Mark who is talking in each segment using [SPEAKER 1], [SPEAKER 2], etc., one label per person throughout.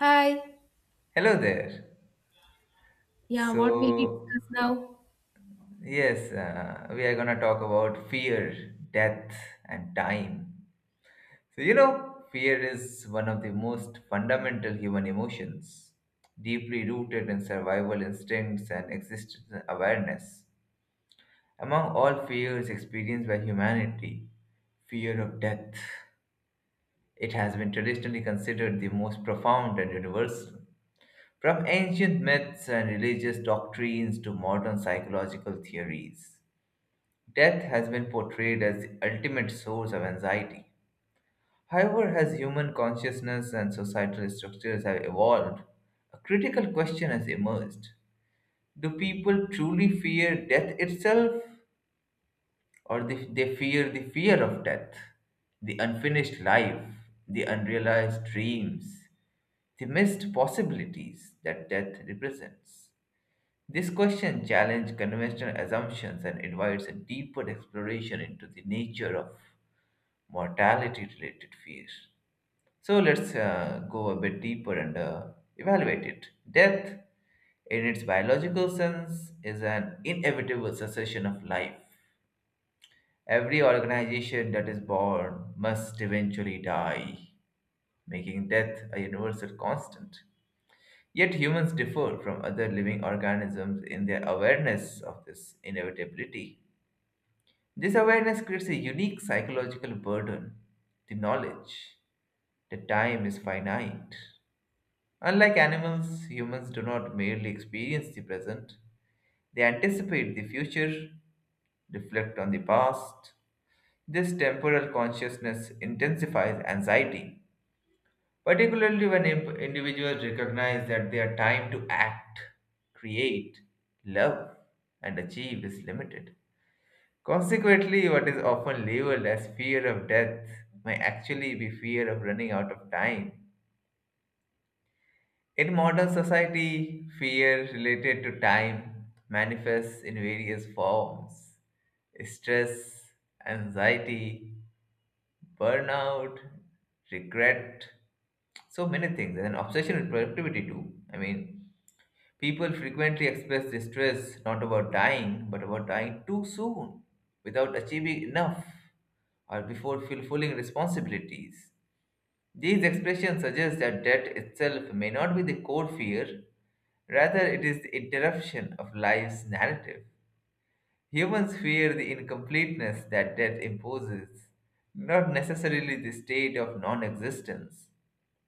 [SPEAKER 1] Hi.
[SPEAKER 2] Hello there.
[SPEAKER 1] Yeah, what will we
[SPEAKER 2] So,
[SPEAKER 1] discuss now?
[SPEAKER 2] yes, we are going to talk about fear, death, and time. So, fear is one of the most fundamental human emotions, deeply rooted in survival instincts and existential awareness. Among all fears experienced by humanity, fear of death, it has been traditionally considered the most profound and universal. From ancient myths and religious doctrines to modern psychological theories, death has been portrayed as the ultimate source of anxiety. However, as human consciousness and societal structures have evolved, a critical question has emerged. Do people truly fear death itself, or they fear the fear of death, the unfinished life, the unrealized dreams, the missed possibilities that death represents? This question challenges conventional assumptions and invites a deeper exploration into the nature of mortality related fears. So let's go a bit deeper and evaluate it. Death, in its biological sense, is an inevitable succession of life. Every organization that is born must eventually die, making death a universal constant. Yet humans differ from other living organisms in their awareness of this inevitability. This awareness creates a unique psychological burden, the knowledge that time is finite. Unlike animals, humans do not merely experience the present, they anticipate the future, reflect on the past. This temporal consciousness intensifies anxiety, particularly when individuals recognize that their time to act, create, love, and achieve is limited. Consequently, what is often labeled as fear of death may actually be fear of running out of time. In modern society, fear related to time manifests in various forms: stress, anxiety, burnout, regret, so many things, and an obsession with productivity too. I mean, people frequently express distress not about dying, but about dying too soon, without achieving enough, or before fulfilling responsibilities. These expressions suggest that death itself may not be the core fear, rather, it is the interruption of life's narrative. Humans fear the incompleteness that death imposes, not necessarily the state of non existence.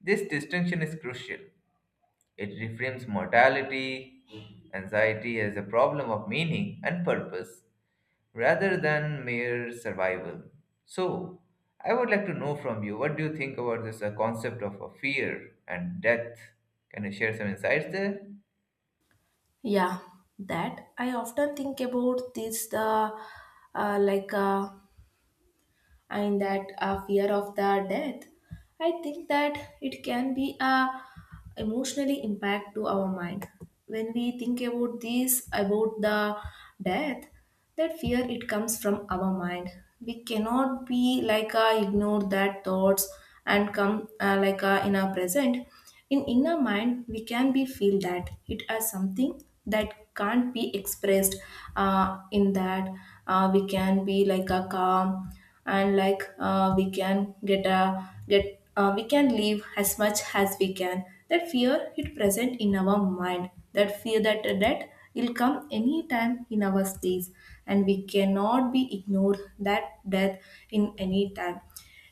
[SPEAKER 2] This distinction is crucial. It reframes mortality anxiety as a problem of meaning and purpose rather than mere survival. So, I would like to know from you, what do you think about this concept of a fear and death? Can you share some insights there?
[SPEAKER 1] Yeah, that I often think about this, the like and that fear of the death. I think that it can be a emotionally impact to our mind when we think about this, about the death. That fear, it comes from our mind. We cannot be like a ignore that thoughts and come, like a in our present. In inner mind we can be feel that it as something that can't be expressed, in that we can be like a calm, and we can get a get we can live as much as we can. That fear, it present in our mind, that fear that death will come anytime in our space, and we cannot be ignored that death. In any time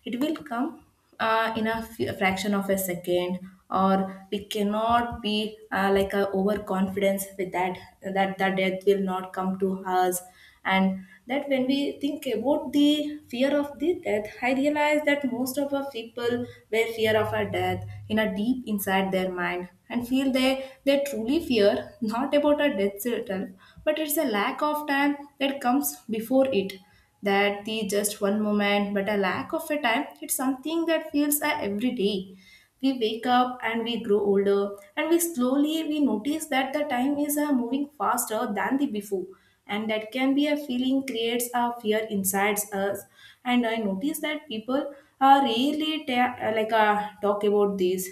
[SPEAKER 1] it will come, in a a fraction of a second, or we cannot be, like a overconfidence with that that death will not come to us. And that when we think about the fear of the death, I realize that most of our people were fear of our death in a deep inside their mind, and feel they truly fear not about our death itself, but it's a lack of time that comes before it. That the just one moment, but a lack of a time, it's something that feels, every day we wake up and we grow older, and we slowly we notice that the time is, moving faster than the before, and that can be a feeling, creates a fear inside us. And I notice that people, rarely talk about this,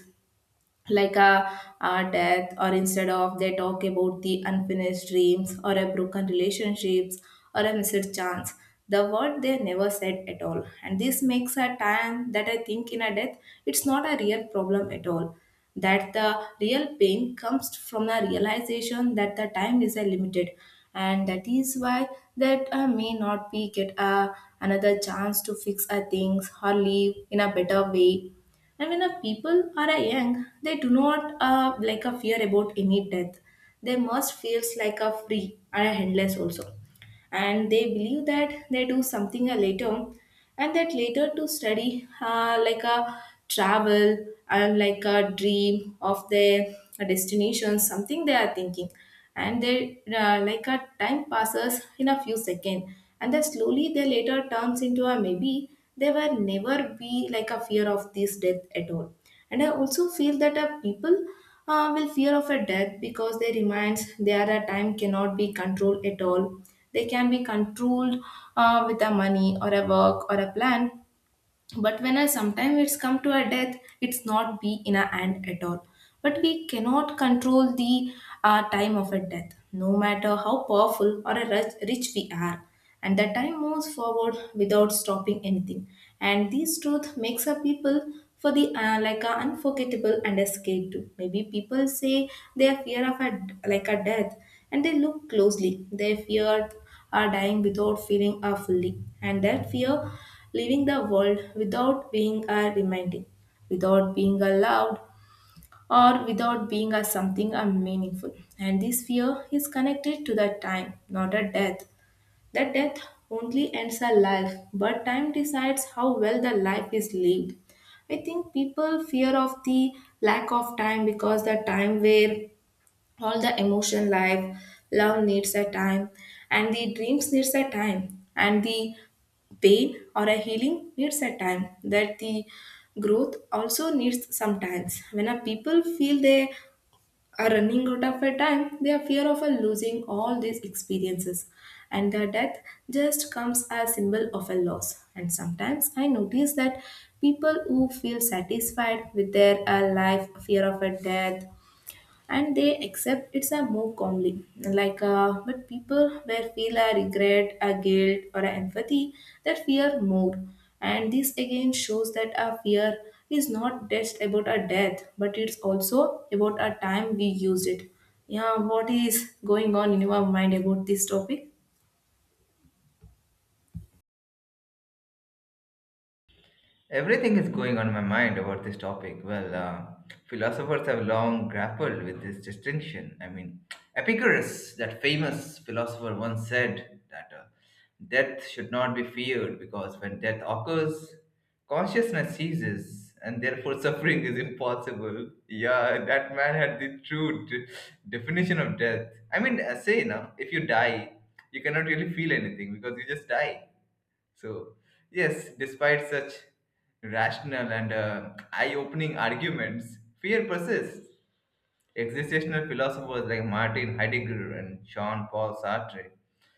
[SPEAKER 1] like a death, or instead of they talk about the unfinished dreams, or a broken relationships, or a missed chance, the word they never said at all. And this makes a time that I think in a death, it's not a real problem at all. That the real pain comes from the realization that the time is a limited, and that is why that, may not be get a, another chance to fix a things or live in a better way. And when a people are a young, they do not, like a fear about any death. They must feels like a free and a endless also, and they believe that they do something, later. And that later to study, like a travel, and like a dream of their destination, something they are thinking. And they, like a time passes in a few seconds, and then slowly they later turns into a maybe. They were never be like a fear of this death at all. And I also feel that, people, will fear of a death because they reminds there a time cannot be controlled at all. They can be controlled, with a money or a work or a plan, but when I sometimes it's come to a death, it's not be in a hand at all. But we cannot control the, time of a death, no matter how powerful or a rich we are. And the time moves forward without stopping anything. And this truth makes a people for the, like a unforgettable and a scared too. Maybe people say they are fear of a like a death, and they look closely. They fear are dying without feeling are fully, and that fear leaving the world without being a reminding, without being allowed, or without being a something a meaningful. And this fear is connected to the time, not a death. The death only ends a life, but time decides how well the life is lived. I think people fear of the lack of time, because the time where all the emotion life, love needs a time, and the dreams needs a time, and the pain or a healing needs a time, that the growth also needs sometimes, when a people feel they are running out of a time, they are fear of a losing all these experiences. And the death just comes as symbol of a loss. And sometimes I notice that people who feel satisfied with their, life fear of a death, and they accept it's a move calmly like, but people where feel a regret, a guilt, or a empathy, that fear more. And this again shows that a fear is not just about a death, but it's also about a time we used it. Yeah, what is going on in your mind about this topic?
[SPEAKER 2] Everything is going on my mind about this topic. Well, philosophers have long grappled with this distinction. I mean, Epicurus, that famous philosopher, once said that death should not be feared because when death occurs, consciousness ceases and therefore suffering is impossible. Yeah, that man had the definition of death. I mean, say now, if you die, you cannot really feel anything because you just die. So, yes, despite such rational and eye opening arguments, fear persists. Existential philosophers like Martin Heidegger and Jean Paul Sartre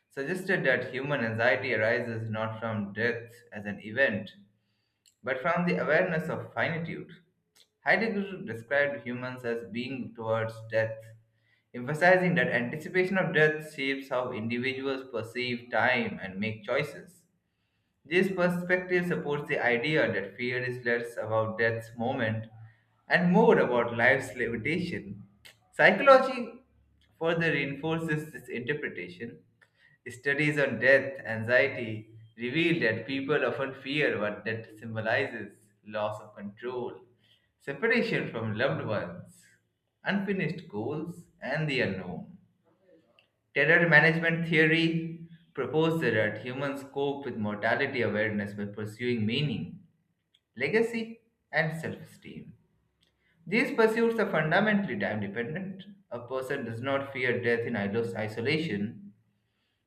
[SPEAKER 2] suggested that human anxiety arises not from death as an event, but from the awareness of finitude. Heidegger described humans as being towards death, emphasizing that anticipation of death shapes how individuals perceive time and make choices. This perspective supports the idea that fear is less about death's moment and more about life's limitation. Psychology further reinforces this interpretation. Studies on death anxiety reveal that people often fear what death symbolizes: loss of control, separation from loved ones, unfinished goals, and the unknown. Terror management theory proposes that humans cope with mortality awareness by pursuing meaning, legacy, and self esteem. These pursuits are fundamentally time dependent. A person does not fear death in isolation,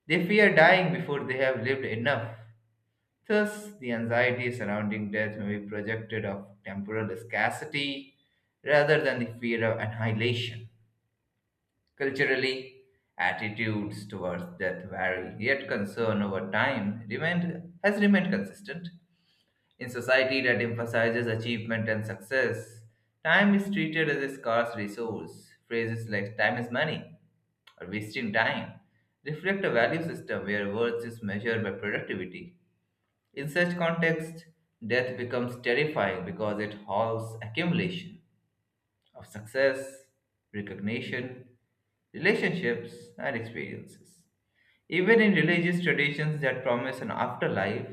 [SPEAKER 2] they fear dying before they have lived enough. Thus, the anxiety surrounding death may be projected of temporal scarcity rather than the fear of annihilation. Culturally, attitudes towards death vary, yet concern over time has remained consistent. In society that emphasizes achievement and success, time is treated as a scarce resource. Phrases like time is money or wasting time reflect a value system where worth is measured by productivity. In such context, death becomes terrifying because it halts accumulation of success, recognition, relationships, and experiences. Even in religious traditions that promise an afterlife,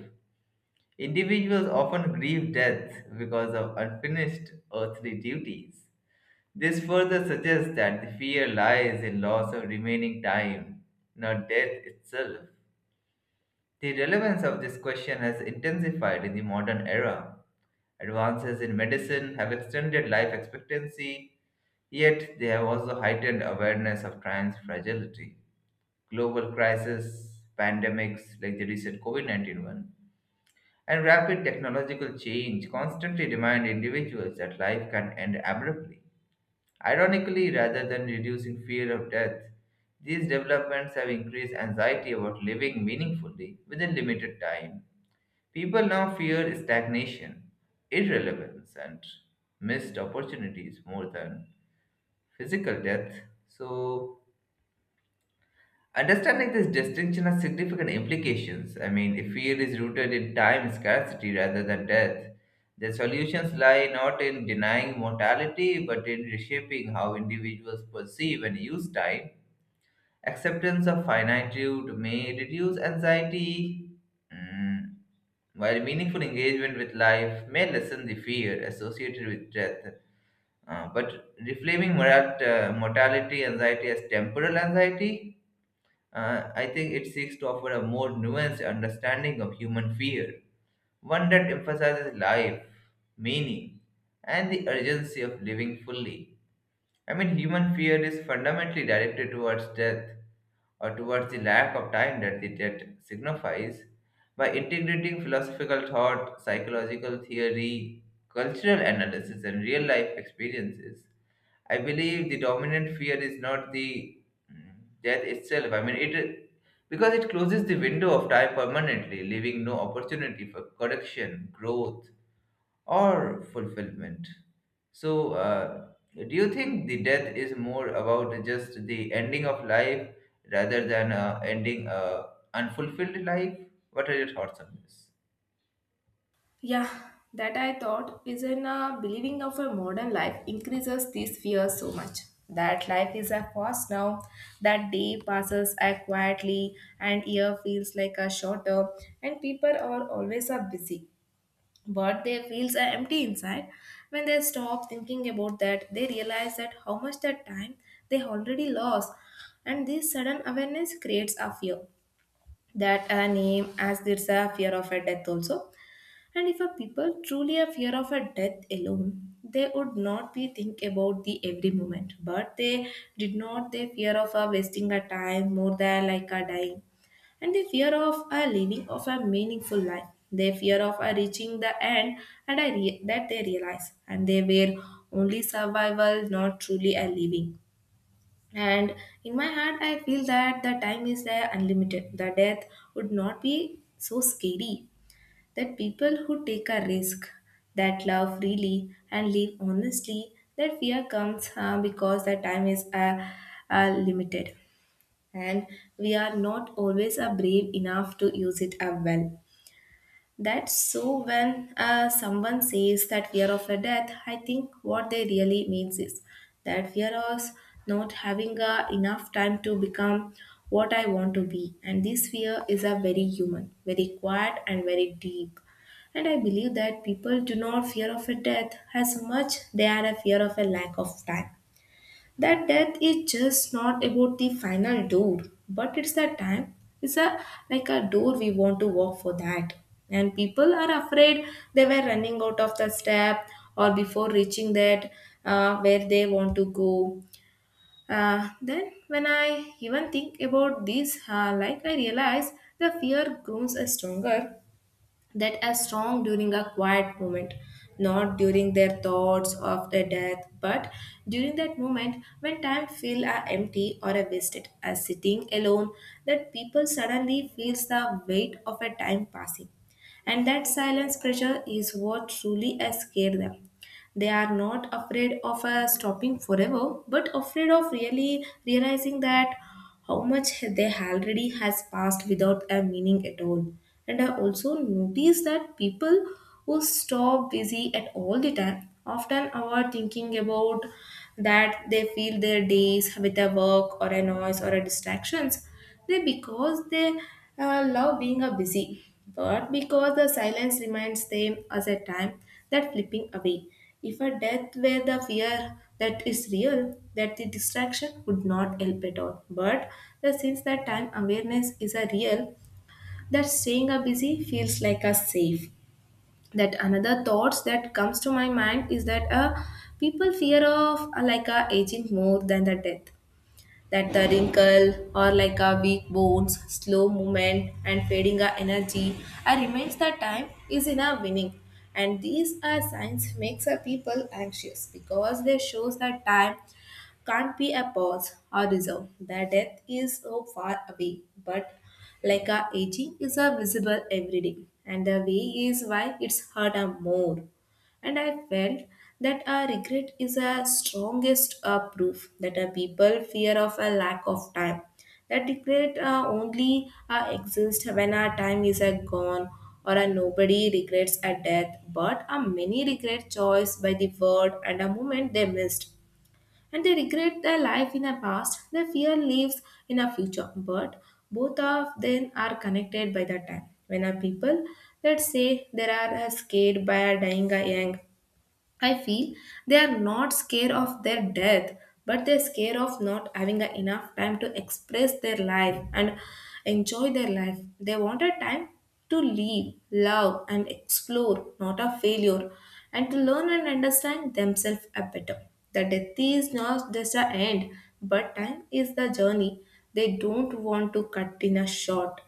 [SPEAKER 2] individuals often grieve death because of unfinished earthly duties. This further suggests that the fear lies in loss of remaining time, not death itself. The relevance of this question has intensified in the modern era. Advances in medicine have extended life expectancy, yet they have also heightened awareness of time's fragility. Global crises, pandemics like the recent COVID nineteen one, and rapid technological change constantly remind individuals that life can end abruptly. Ironically, rather than reducing fear of death, these developments have increased anxiety about living meaningfully within limited time. People now fear stagnation, irrelevance, and missed opportunities more than physical death. So, understanding this distinction has significant implications. I mean, if fear is rooted in time scarcity rather than death, the solutions lie not in denying mortality but in reshaping how individuals perceive and use time. Acceptance of finitude may reduce anxiety, mm, while meaningful engagement with life may lessen the fear associated with death. But reframing mortality anxiety as temporal anxiety, I think it seeks to offer a more nuanced understanding of human fear, one that emphasizes life, meaning, and the urgency of living fully. I mean, human fear is fundamentally directed towards death or towards the lack of time that the debt signifies, by integrating philosophical thought, psychological theory, cultural analysis, and real life experiences. I believe the dominant fear is not the mm, death itself. I mean, it, because it closes the window of time permanently, leaving no opportunity for correction, growth, or fulfillment. So, do you think the death is more about just the ending of life rather than ending unfulfilled life? What are your thoughts on this?
[SPEAKER 1] Yeah, that I thought is in a believing of a modern life increases these fears so much. That life is a fast now, that day passes a quietly, and year feels like a shorter, and people are always a busy. But they feels are empty inside. When they stop thinking about that, they realize that how much that time they already lost, and this sudden awareness creates a fear that a name as there's a fear of a death also. And if a people truly a fear of a death alone, they would not be think about the every moment, but they did not they fear of a wasting a time more than like a dying, and they fear of a living of a meaningful life. They fear of a reaching the end, and that they realize, and they were only survival, not truly a living. And in my heart, I feel that the time is there unlimited. The death would not be so scary, that people who take a risk, that love freely and live honestly, that fear comes, because the time is, limited, and we are not always, brave enough to use it, well. That so when, someone says that fear of a death, I think what they really means is that fear of not having, enough time to become what I want to be. And this fear is a very human, very quiet, and very deep. And I believe that people do not fear of a death as much they are a fear of a lack of time. That death is just not about the final door, but it's a time, it's a like a door we want to walk for that. And people are afraid they were running out of the step or before reaching that, where they want to go. Then when I even think about this, like I realize the fear grows stronger, that are strong during a quiet moment, not during their thoughts of their death, but during that moment when time feels, empty or are wasted, as sitting alone, that people suddenly feels the weight of a time passing. And that silence pressure is what truly has scared them. They are not afraid of, stopping forever, but afraid of really realizing that how much they already has passed without a meaning at all. And I also notice that people who stop busy at all the time often are thinking about, that they fill their days with a work or a noise or a distractions, they because they, love being a busy, but because the silence reminds them as a time that flipping away. If a death were the fear that is real, that the distraction would not help at all. But the since that time awareness is a real, that staying a busy feels like a safe. That another thoughts that comes to my mind is that, people fear of, like a aging more than the death, that the wrinkle or like a weak bones, slow movement, and fading our energy are remains that time is in our winning. And these are signs makes our people anxious because they shows that time can't be a pause or reserve. The death is so far away, but like our aging is a visible every day, and the way is why it's hurt a more. And I felt that our regret is a strongest, proof that our people fear of a lack of time. That regret, only exists when our time is, gone, or a nobody regrets a death, but a many regret choice by the word and a moment they missed. And they regret their life in the past, their fear lives in a future. But both of them are connected by the time. When a people, let's say, they are, scared by a dying a young, I feel they are not scared of their death, but they're scared of not having a enough time to express their life and enjoy their life. They want a time to live, love, and explore, not a failure, and to learn and understand themselves a better. The death is not just the end, but time is the journey. They don't want to cut in a short.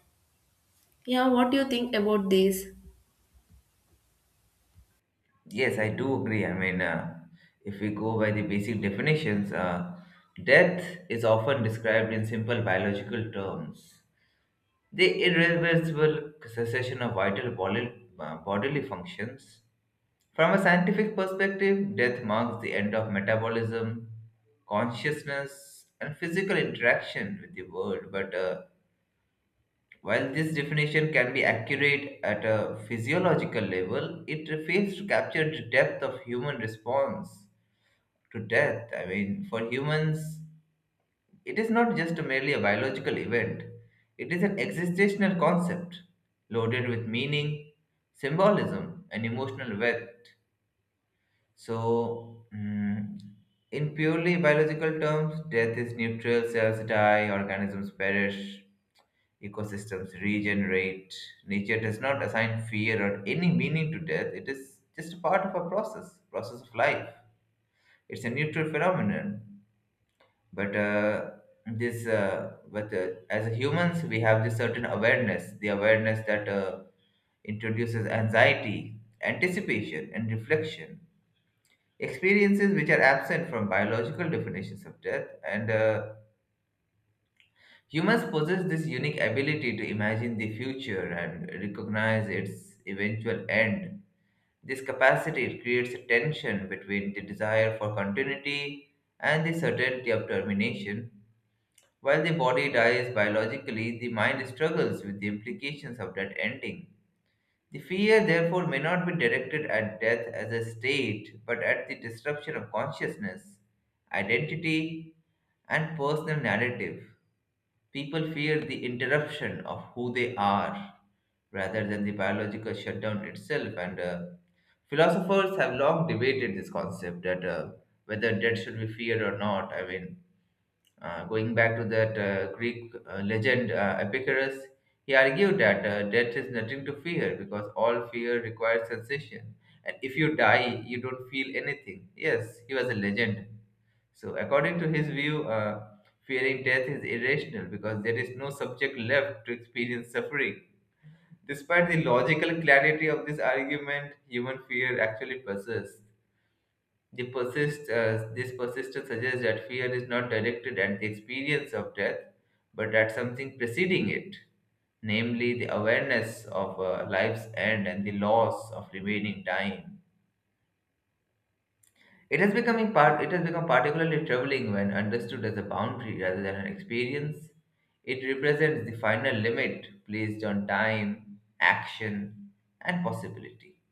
[SPEAKER 1] Yeah, what do you think about this?
[SPEAKER 2] Yes, I do agree. I mean, if we go by the basic definitions, death is often described in simple biological terms. The irreversible cessation of vital bodily functions. From a scientific perspective, death marks the end of metabolism, consciousness, and physical interaction with the world. But while this definition can be accurate at a physiological level, it fails to capture the depth of human response to death. I mean, for humans, it is not just merely a biological event, it is an existential concept loaded with meaning, symbolism, and emotional weight. So, in purely biological terms, death is neutral, cells die, organisms perish, ecosystems regenerate. Nature does not assign fear or any meaning to death, it is just a part of a process, process of life. It's a neutral phenomenon, but uh, but as humans, we have this certain awareness, the awareness that introduces anxiety, anticipation, and reflection experiences which are absent from biological definitions of death. And humans possess this unique ability to imagine the future and recognize its eventual end. This capacity creates a tension between the desire for continuity and the certainty of termination. While the body dies biologically, the mind struggles with the implications of that ending. The fear, therefore, may not be directed at death as a state, but at the disruption of consciousness, identity, and personal narrative. People fear the interruption of who they are rather than the biological shutdown itself. And philosophers have long debated this concept, that whether death should be feared or not. I mean, going back to that Greek legend, Epicurus, he argued that death is nothing to fear because all fear requires sensation. And if you die, you don't feel anything. Yes, he was a legend. So, according to his view, fearing death is irrational because there is no subject left to experience suffering. Despite the logical clarity of this argument, human fear actually persists. This persistence suggests that fear is not directed at the experience of death, but at something preceding it, namely the awareness of life's end and the loss of remaining time. It has becoming part. It has become particularly troubling when understood as a boundary rather than an experience. It represents the final limit placed on time, action, and possibility.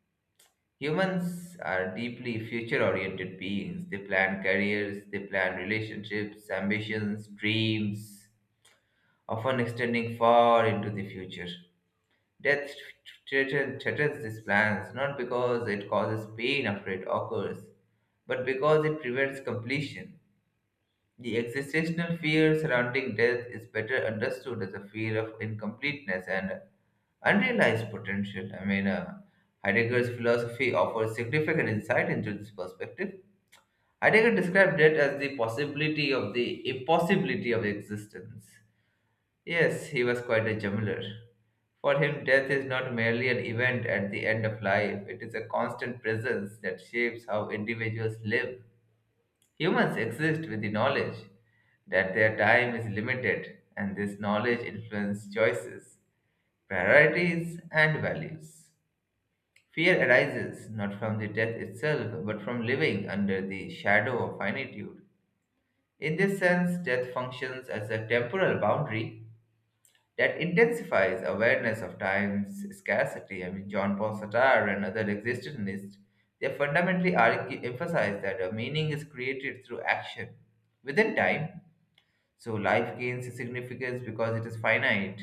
[SPEAKER 2] Humans are deeply future oriented beings. They plan careers, they plan relationships, ambitions, dreams, often extending far into the future. Death threatens these plans not because it causes pain after it occurs, but because it prevents completion. The existential fear surrounding death is better understood as a fear of incompleteness and unrealized potential. I mean, Heidegger's philosophy offers significant insight into this perspective. Heidegger described death as the possibility of the impossibility of existence. Yes, he was quite a juggler. For him, death is not merely an event at the end of life, it is a constant presence that shapes how individuals live. Humans exist with the knowledge that their time is limited, and this knowledge influences choices, priorities, and values. Fear arises not from the death itself, but from living under the shadow of finitude. In this sense, death functions as a temporal boundary that intensifies awareness of time's scarcity. I mean, John Paul Sartre and other existentialists, they fundamentally argue, emphasize that a meaning is created through action within time. So life gains significance because it is finite,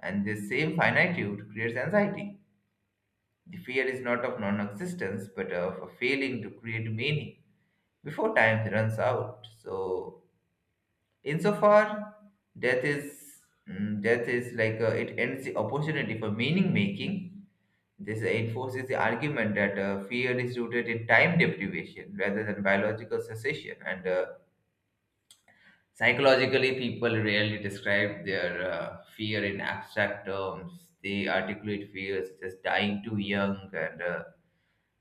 [SPEAKER 2] and this same finitude creates anxiety. The fear is not of non existence but of a failing to create meaning before time runs out. So, insofar, death is death is, like, it ends the opportunity for meaning making. This enforces the argument that fear is rooted in time deprivation rather than biological cessation, and psychologically, people rarely describe their fear in abstract terms. They articulate fears such as dying too young and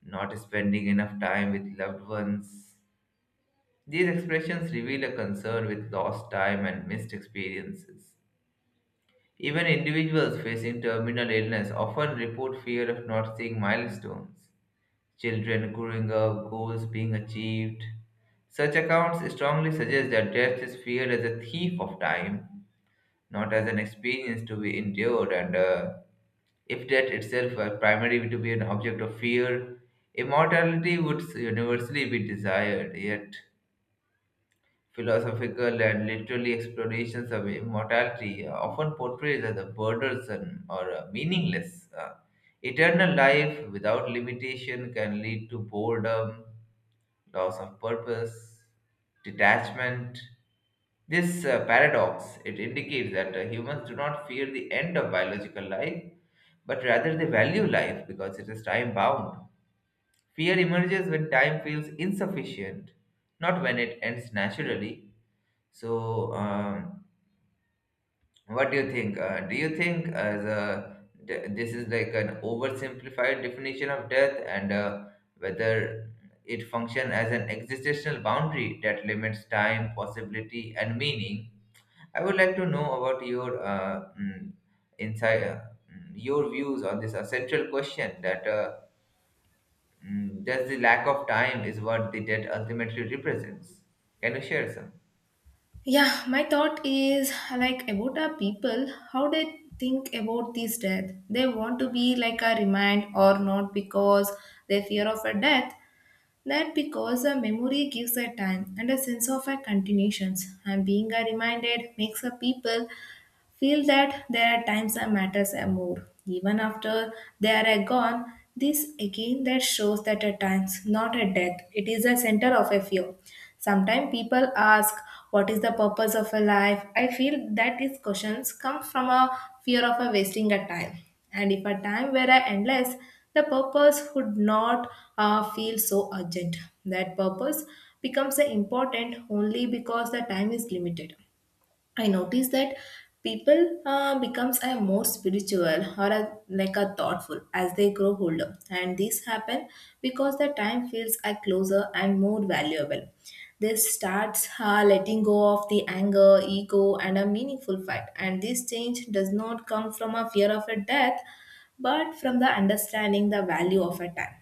[SPEAKER 2] not spending enough time with loved ones. These expressions reveal a concern with lost time and missed experiences. Even individuals facing terminal illness often report fear of not seeing milestones, children growing up, goals being achieved. Such accounts strongly suggest that death is feared as a thief of time, not as an experience to be endured. And if death itself were primarily to be an object of fear, immortality would universally be desired. Yet, philosophical and literary explorations of immortality are often portrayed as a burdensome or meaningless. Eternal life without limitation can lead to boredom, loss of purpose, detachment. This paradox, it indicates that humans do not fear the end of biological life, but rather they value life because it is time bound. Fear emerges when time feels insufficient, not when it ends naturally. So. What do you think? Do you think as this is like an oversimplified definition of death, and whether it function as an existential boundary that limits time, possibility, and meaning? I would like to know about your insight, your views on this essential question, that does the lack of time is what the death ultimately represents? Can you share some?
[SPEAKER 1] Yeah, my thought is like about our people, how they think about this death. They want to be like a remind or not because they fear of a death. That because a memory gives a time and a sense of a continuations, and being a reminded makes a people feel that their times and matters are more. Even after they are gone, this again that shows that a times not a death. It is a center of a fear. Sometimes people ask, what is the purpose of a life? I feel that these questions come from a fear of a wasting a time. And if a time were a endless, the purpose would not feel so urgent. That purpose becomes a important only because the time is limited. I notice that people becomes a more spiritual or a, like a thoughtful as they grow older, and this happen because the time feels a closer and more valuable. They starts letting go of the anger, ego, and a meaningful fight, and this change does not come from a fear of a death, but from the understanding the value of a time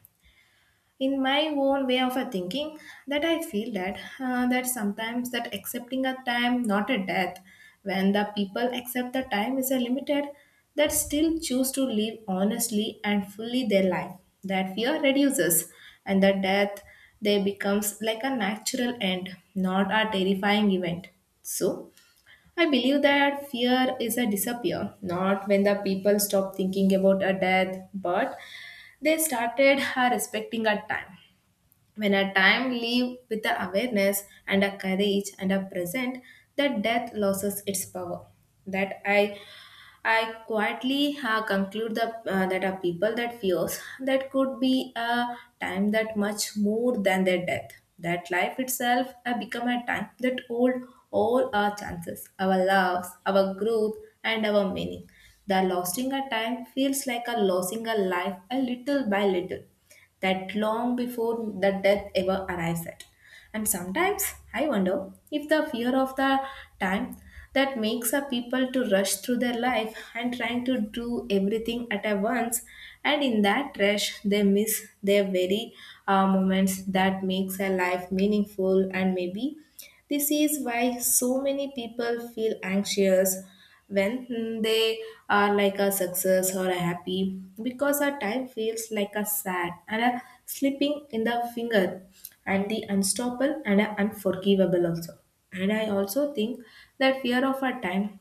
[SPEAKER 1] in my own way of a thinking that I feel that that sometimes that accepting a time not a death when the people accept the time is a limited that still choose to live honestly and fully their life that fear reduces, and the death they becomes like a natural end, not a terrifying event. So I believe that fear is a disappear, not when the people stop thinking about a death, but they started respecting a time. When a time live with the awareness and a courage and a present, that death loses its power. That I quietly conclude the, that a people that fears that could be a time that much more than their death. That life itself become a time that hold all our chances, our loves, our growth, and our meaning. The losing a time feels like a losing a life a little by little that long before the death ever arrives at. And sometimes I wonder if the fear of the time that makes a people to rush through their life and trying to do everything at a once, and in that rush they miss their very moments that makes a life meaningful. And maybe this is why so many people feel anxious when they are like a success or a happy, because our time feels like a sad and a slipping in the finger, and the unstoppable and a unforgivable also. And I also think that fear of our time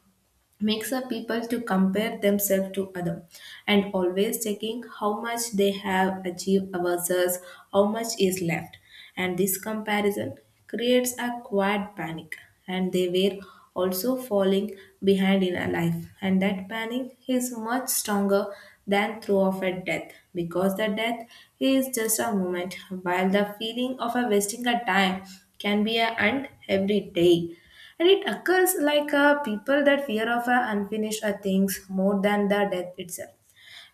[SPEAKER 1] makes a people to compare themselves to other and always checking how much they have achieved versus how much is left, and this comparison creates a quiet panic, and they were also falling behind in a life, and that panic is much stronger than through of a death, because the death is just a moment, while the feeling of a wasting a time can be a and every day. And it occurs like people that fear of unfinished things more than the death itself.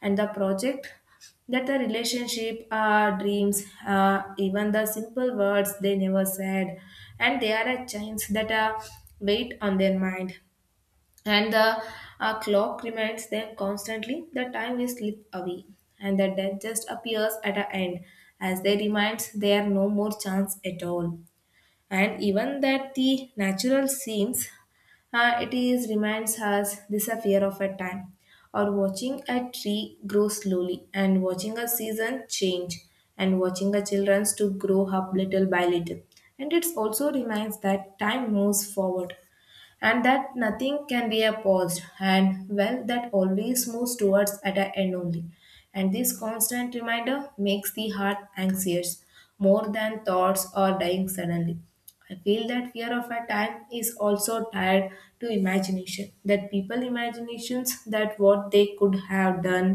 [SPEAKER 1] And the project, that the relationship, dreams, even the simple words they never said, and they are a chains that weight on their mind. And the clock reminds them constantly the time is slip away, and the death just appears at an end as they reminds there are no more chance at all. And even that the natural seems it is reminds us this a fear of a time, or watching a tree grow slowly, and watching a season change, and watching a children to grow up little by little, and it also reminds that time moves forward, and that nothing can be a paused, and well that always moves towards at an end only, and this constant reminder makes the heart anxious more than thoughts or dying suddenly. I feel that fear of a time is also tied to imagination, that people imaginations that what they could have done,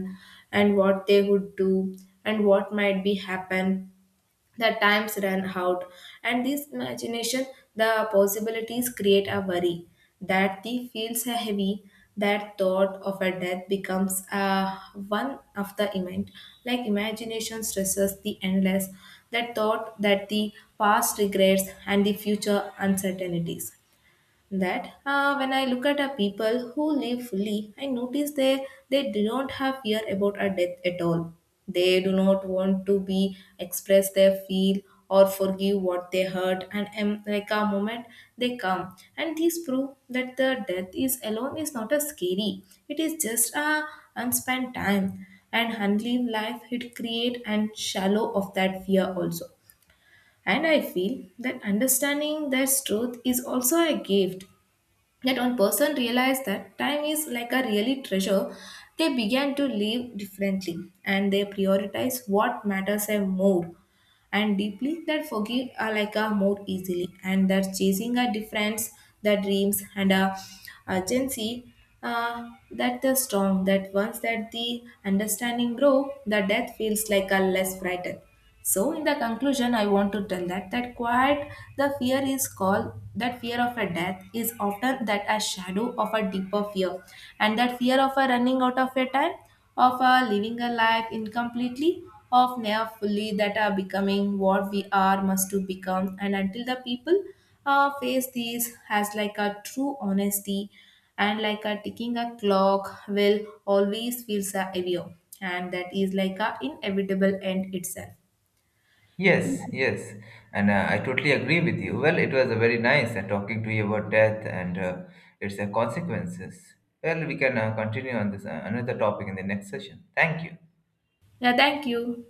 [SPEAKER 1] and what they would do, and what might be happen the times run out, and this imagination the possibilities create a worry that the feels are heavy, that thought of a death becomes a one of the event, like imagination stresses the endless, that thought that the past regrets and the future uncertainties. That when I look at a people who live fully, I notice they do not have fear about a death at all. They do not want to be express their feel or forgive what they hurt, and like a moment they come, and these prove that the death is alone is not a scary. It is just a unspent time, and handling life it create and shallow of that fear also. And I feel that understanding that truth is also a gift. Yet, when person realized that time is like a really treasure, they began to live differently, and they prioritize what matters them more and deeply, that forgive are like a more easily, and that chasing a difference, the dreams and a urgency, that the strong that once that the understanding grow, the death feels like a less frightened. So in the conclusion, I want to tell that that quiet the fear is called that fear of a death is often that a shadow of a deeper fear, and that fear of a running out of a time, of a living a life incompletely, of never fully that are becoming what we are must to become, and until the people face these as like a true honesty, and like a ticking a clock will always feels a heavier, and that is like a inevitable end itself.
[SPEAKER 2] Yes, yes, and I totally agree with you. Well, it was a very nice talking to you about death and its consequences. Well, we can continue on this another topic in the next session. Thank you.
[SPEAKER 1] Yeah, thank you.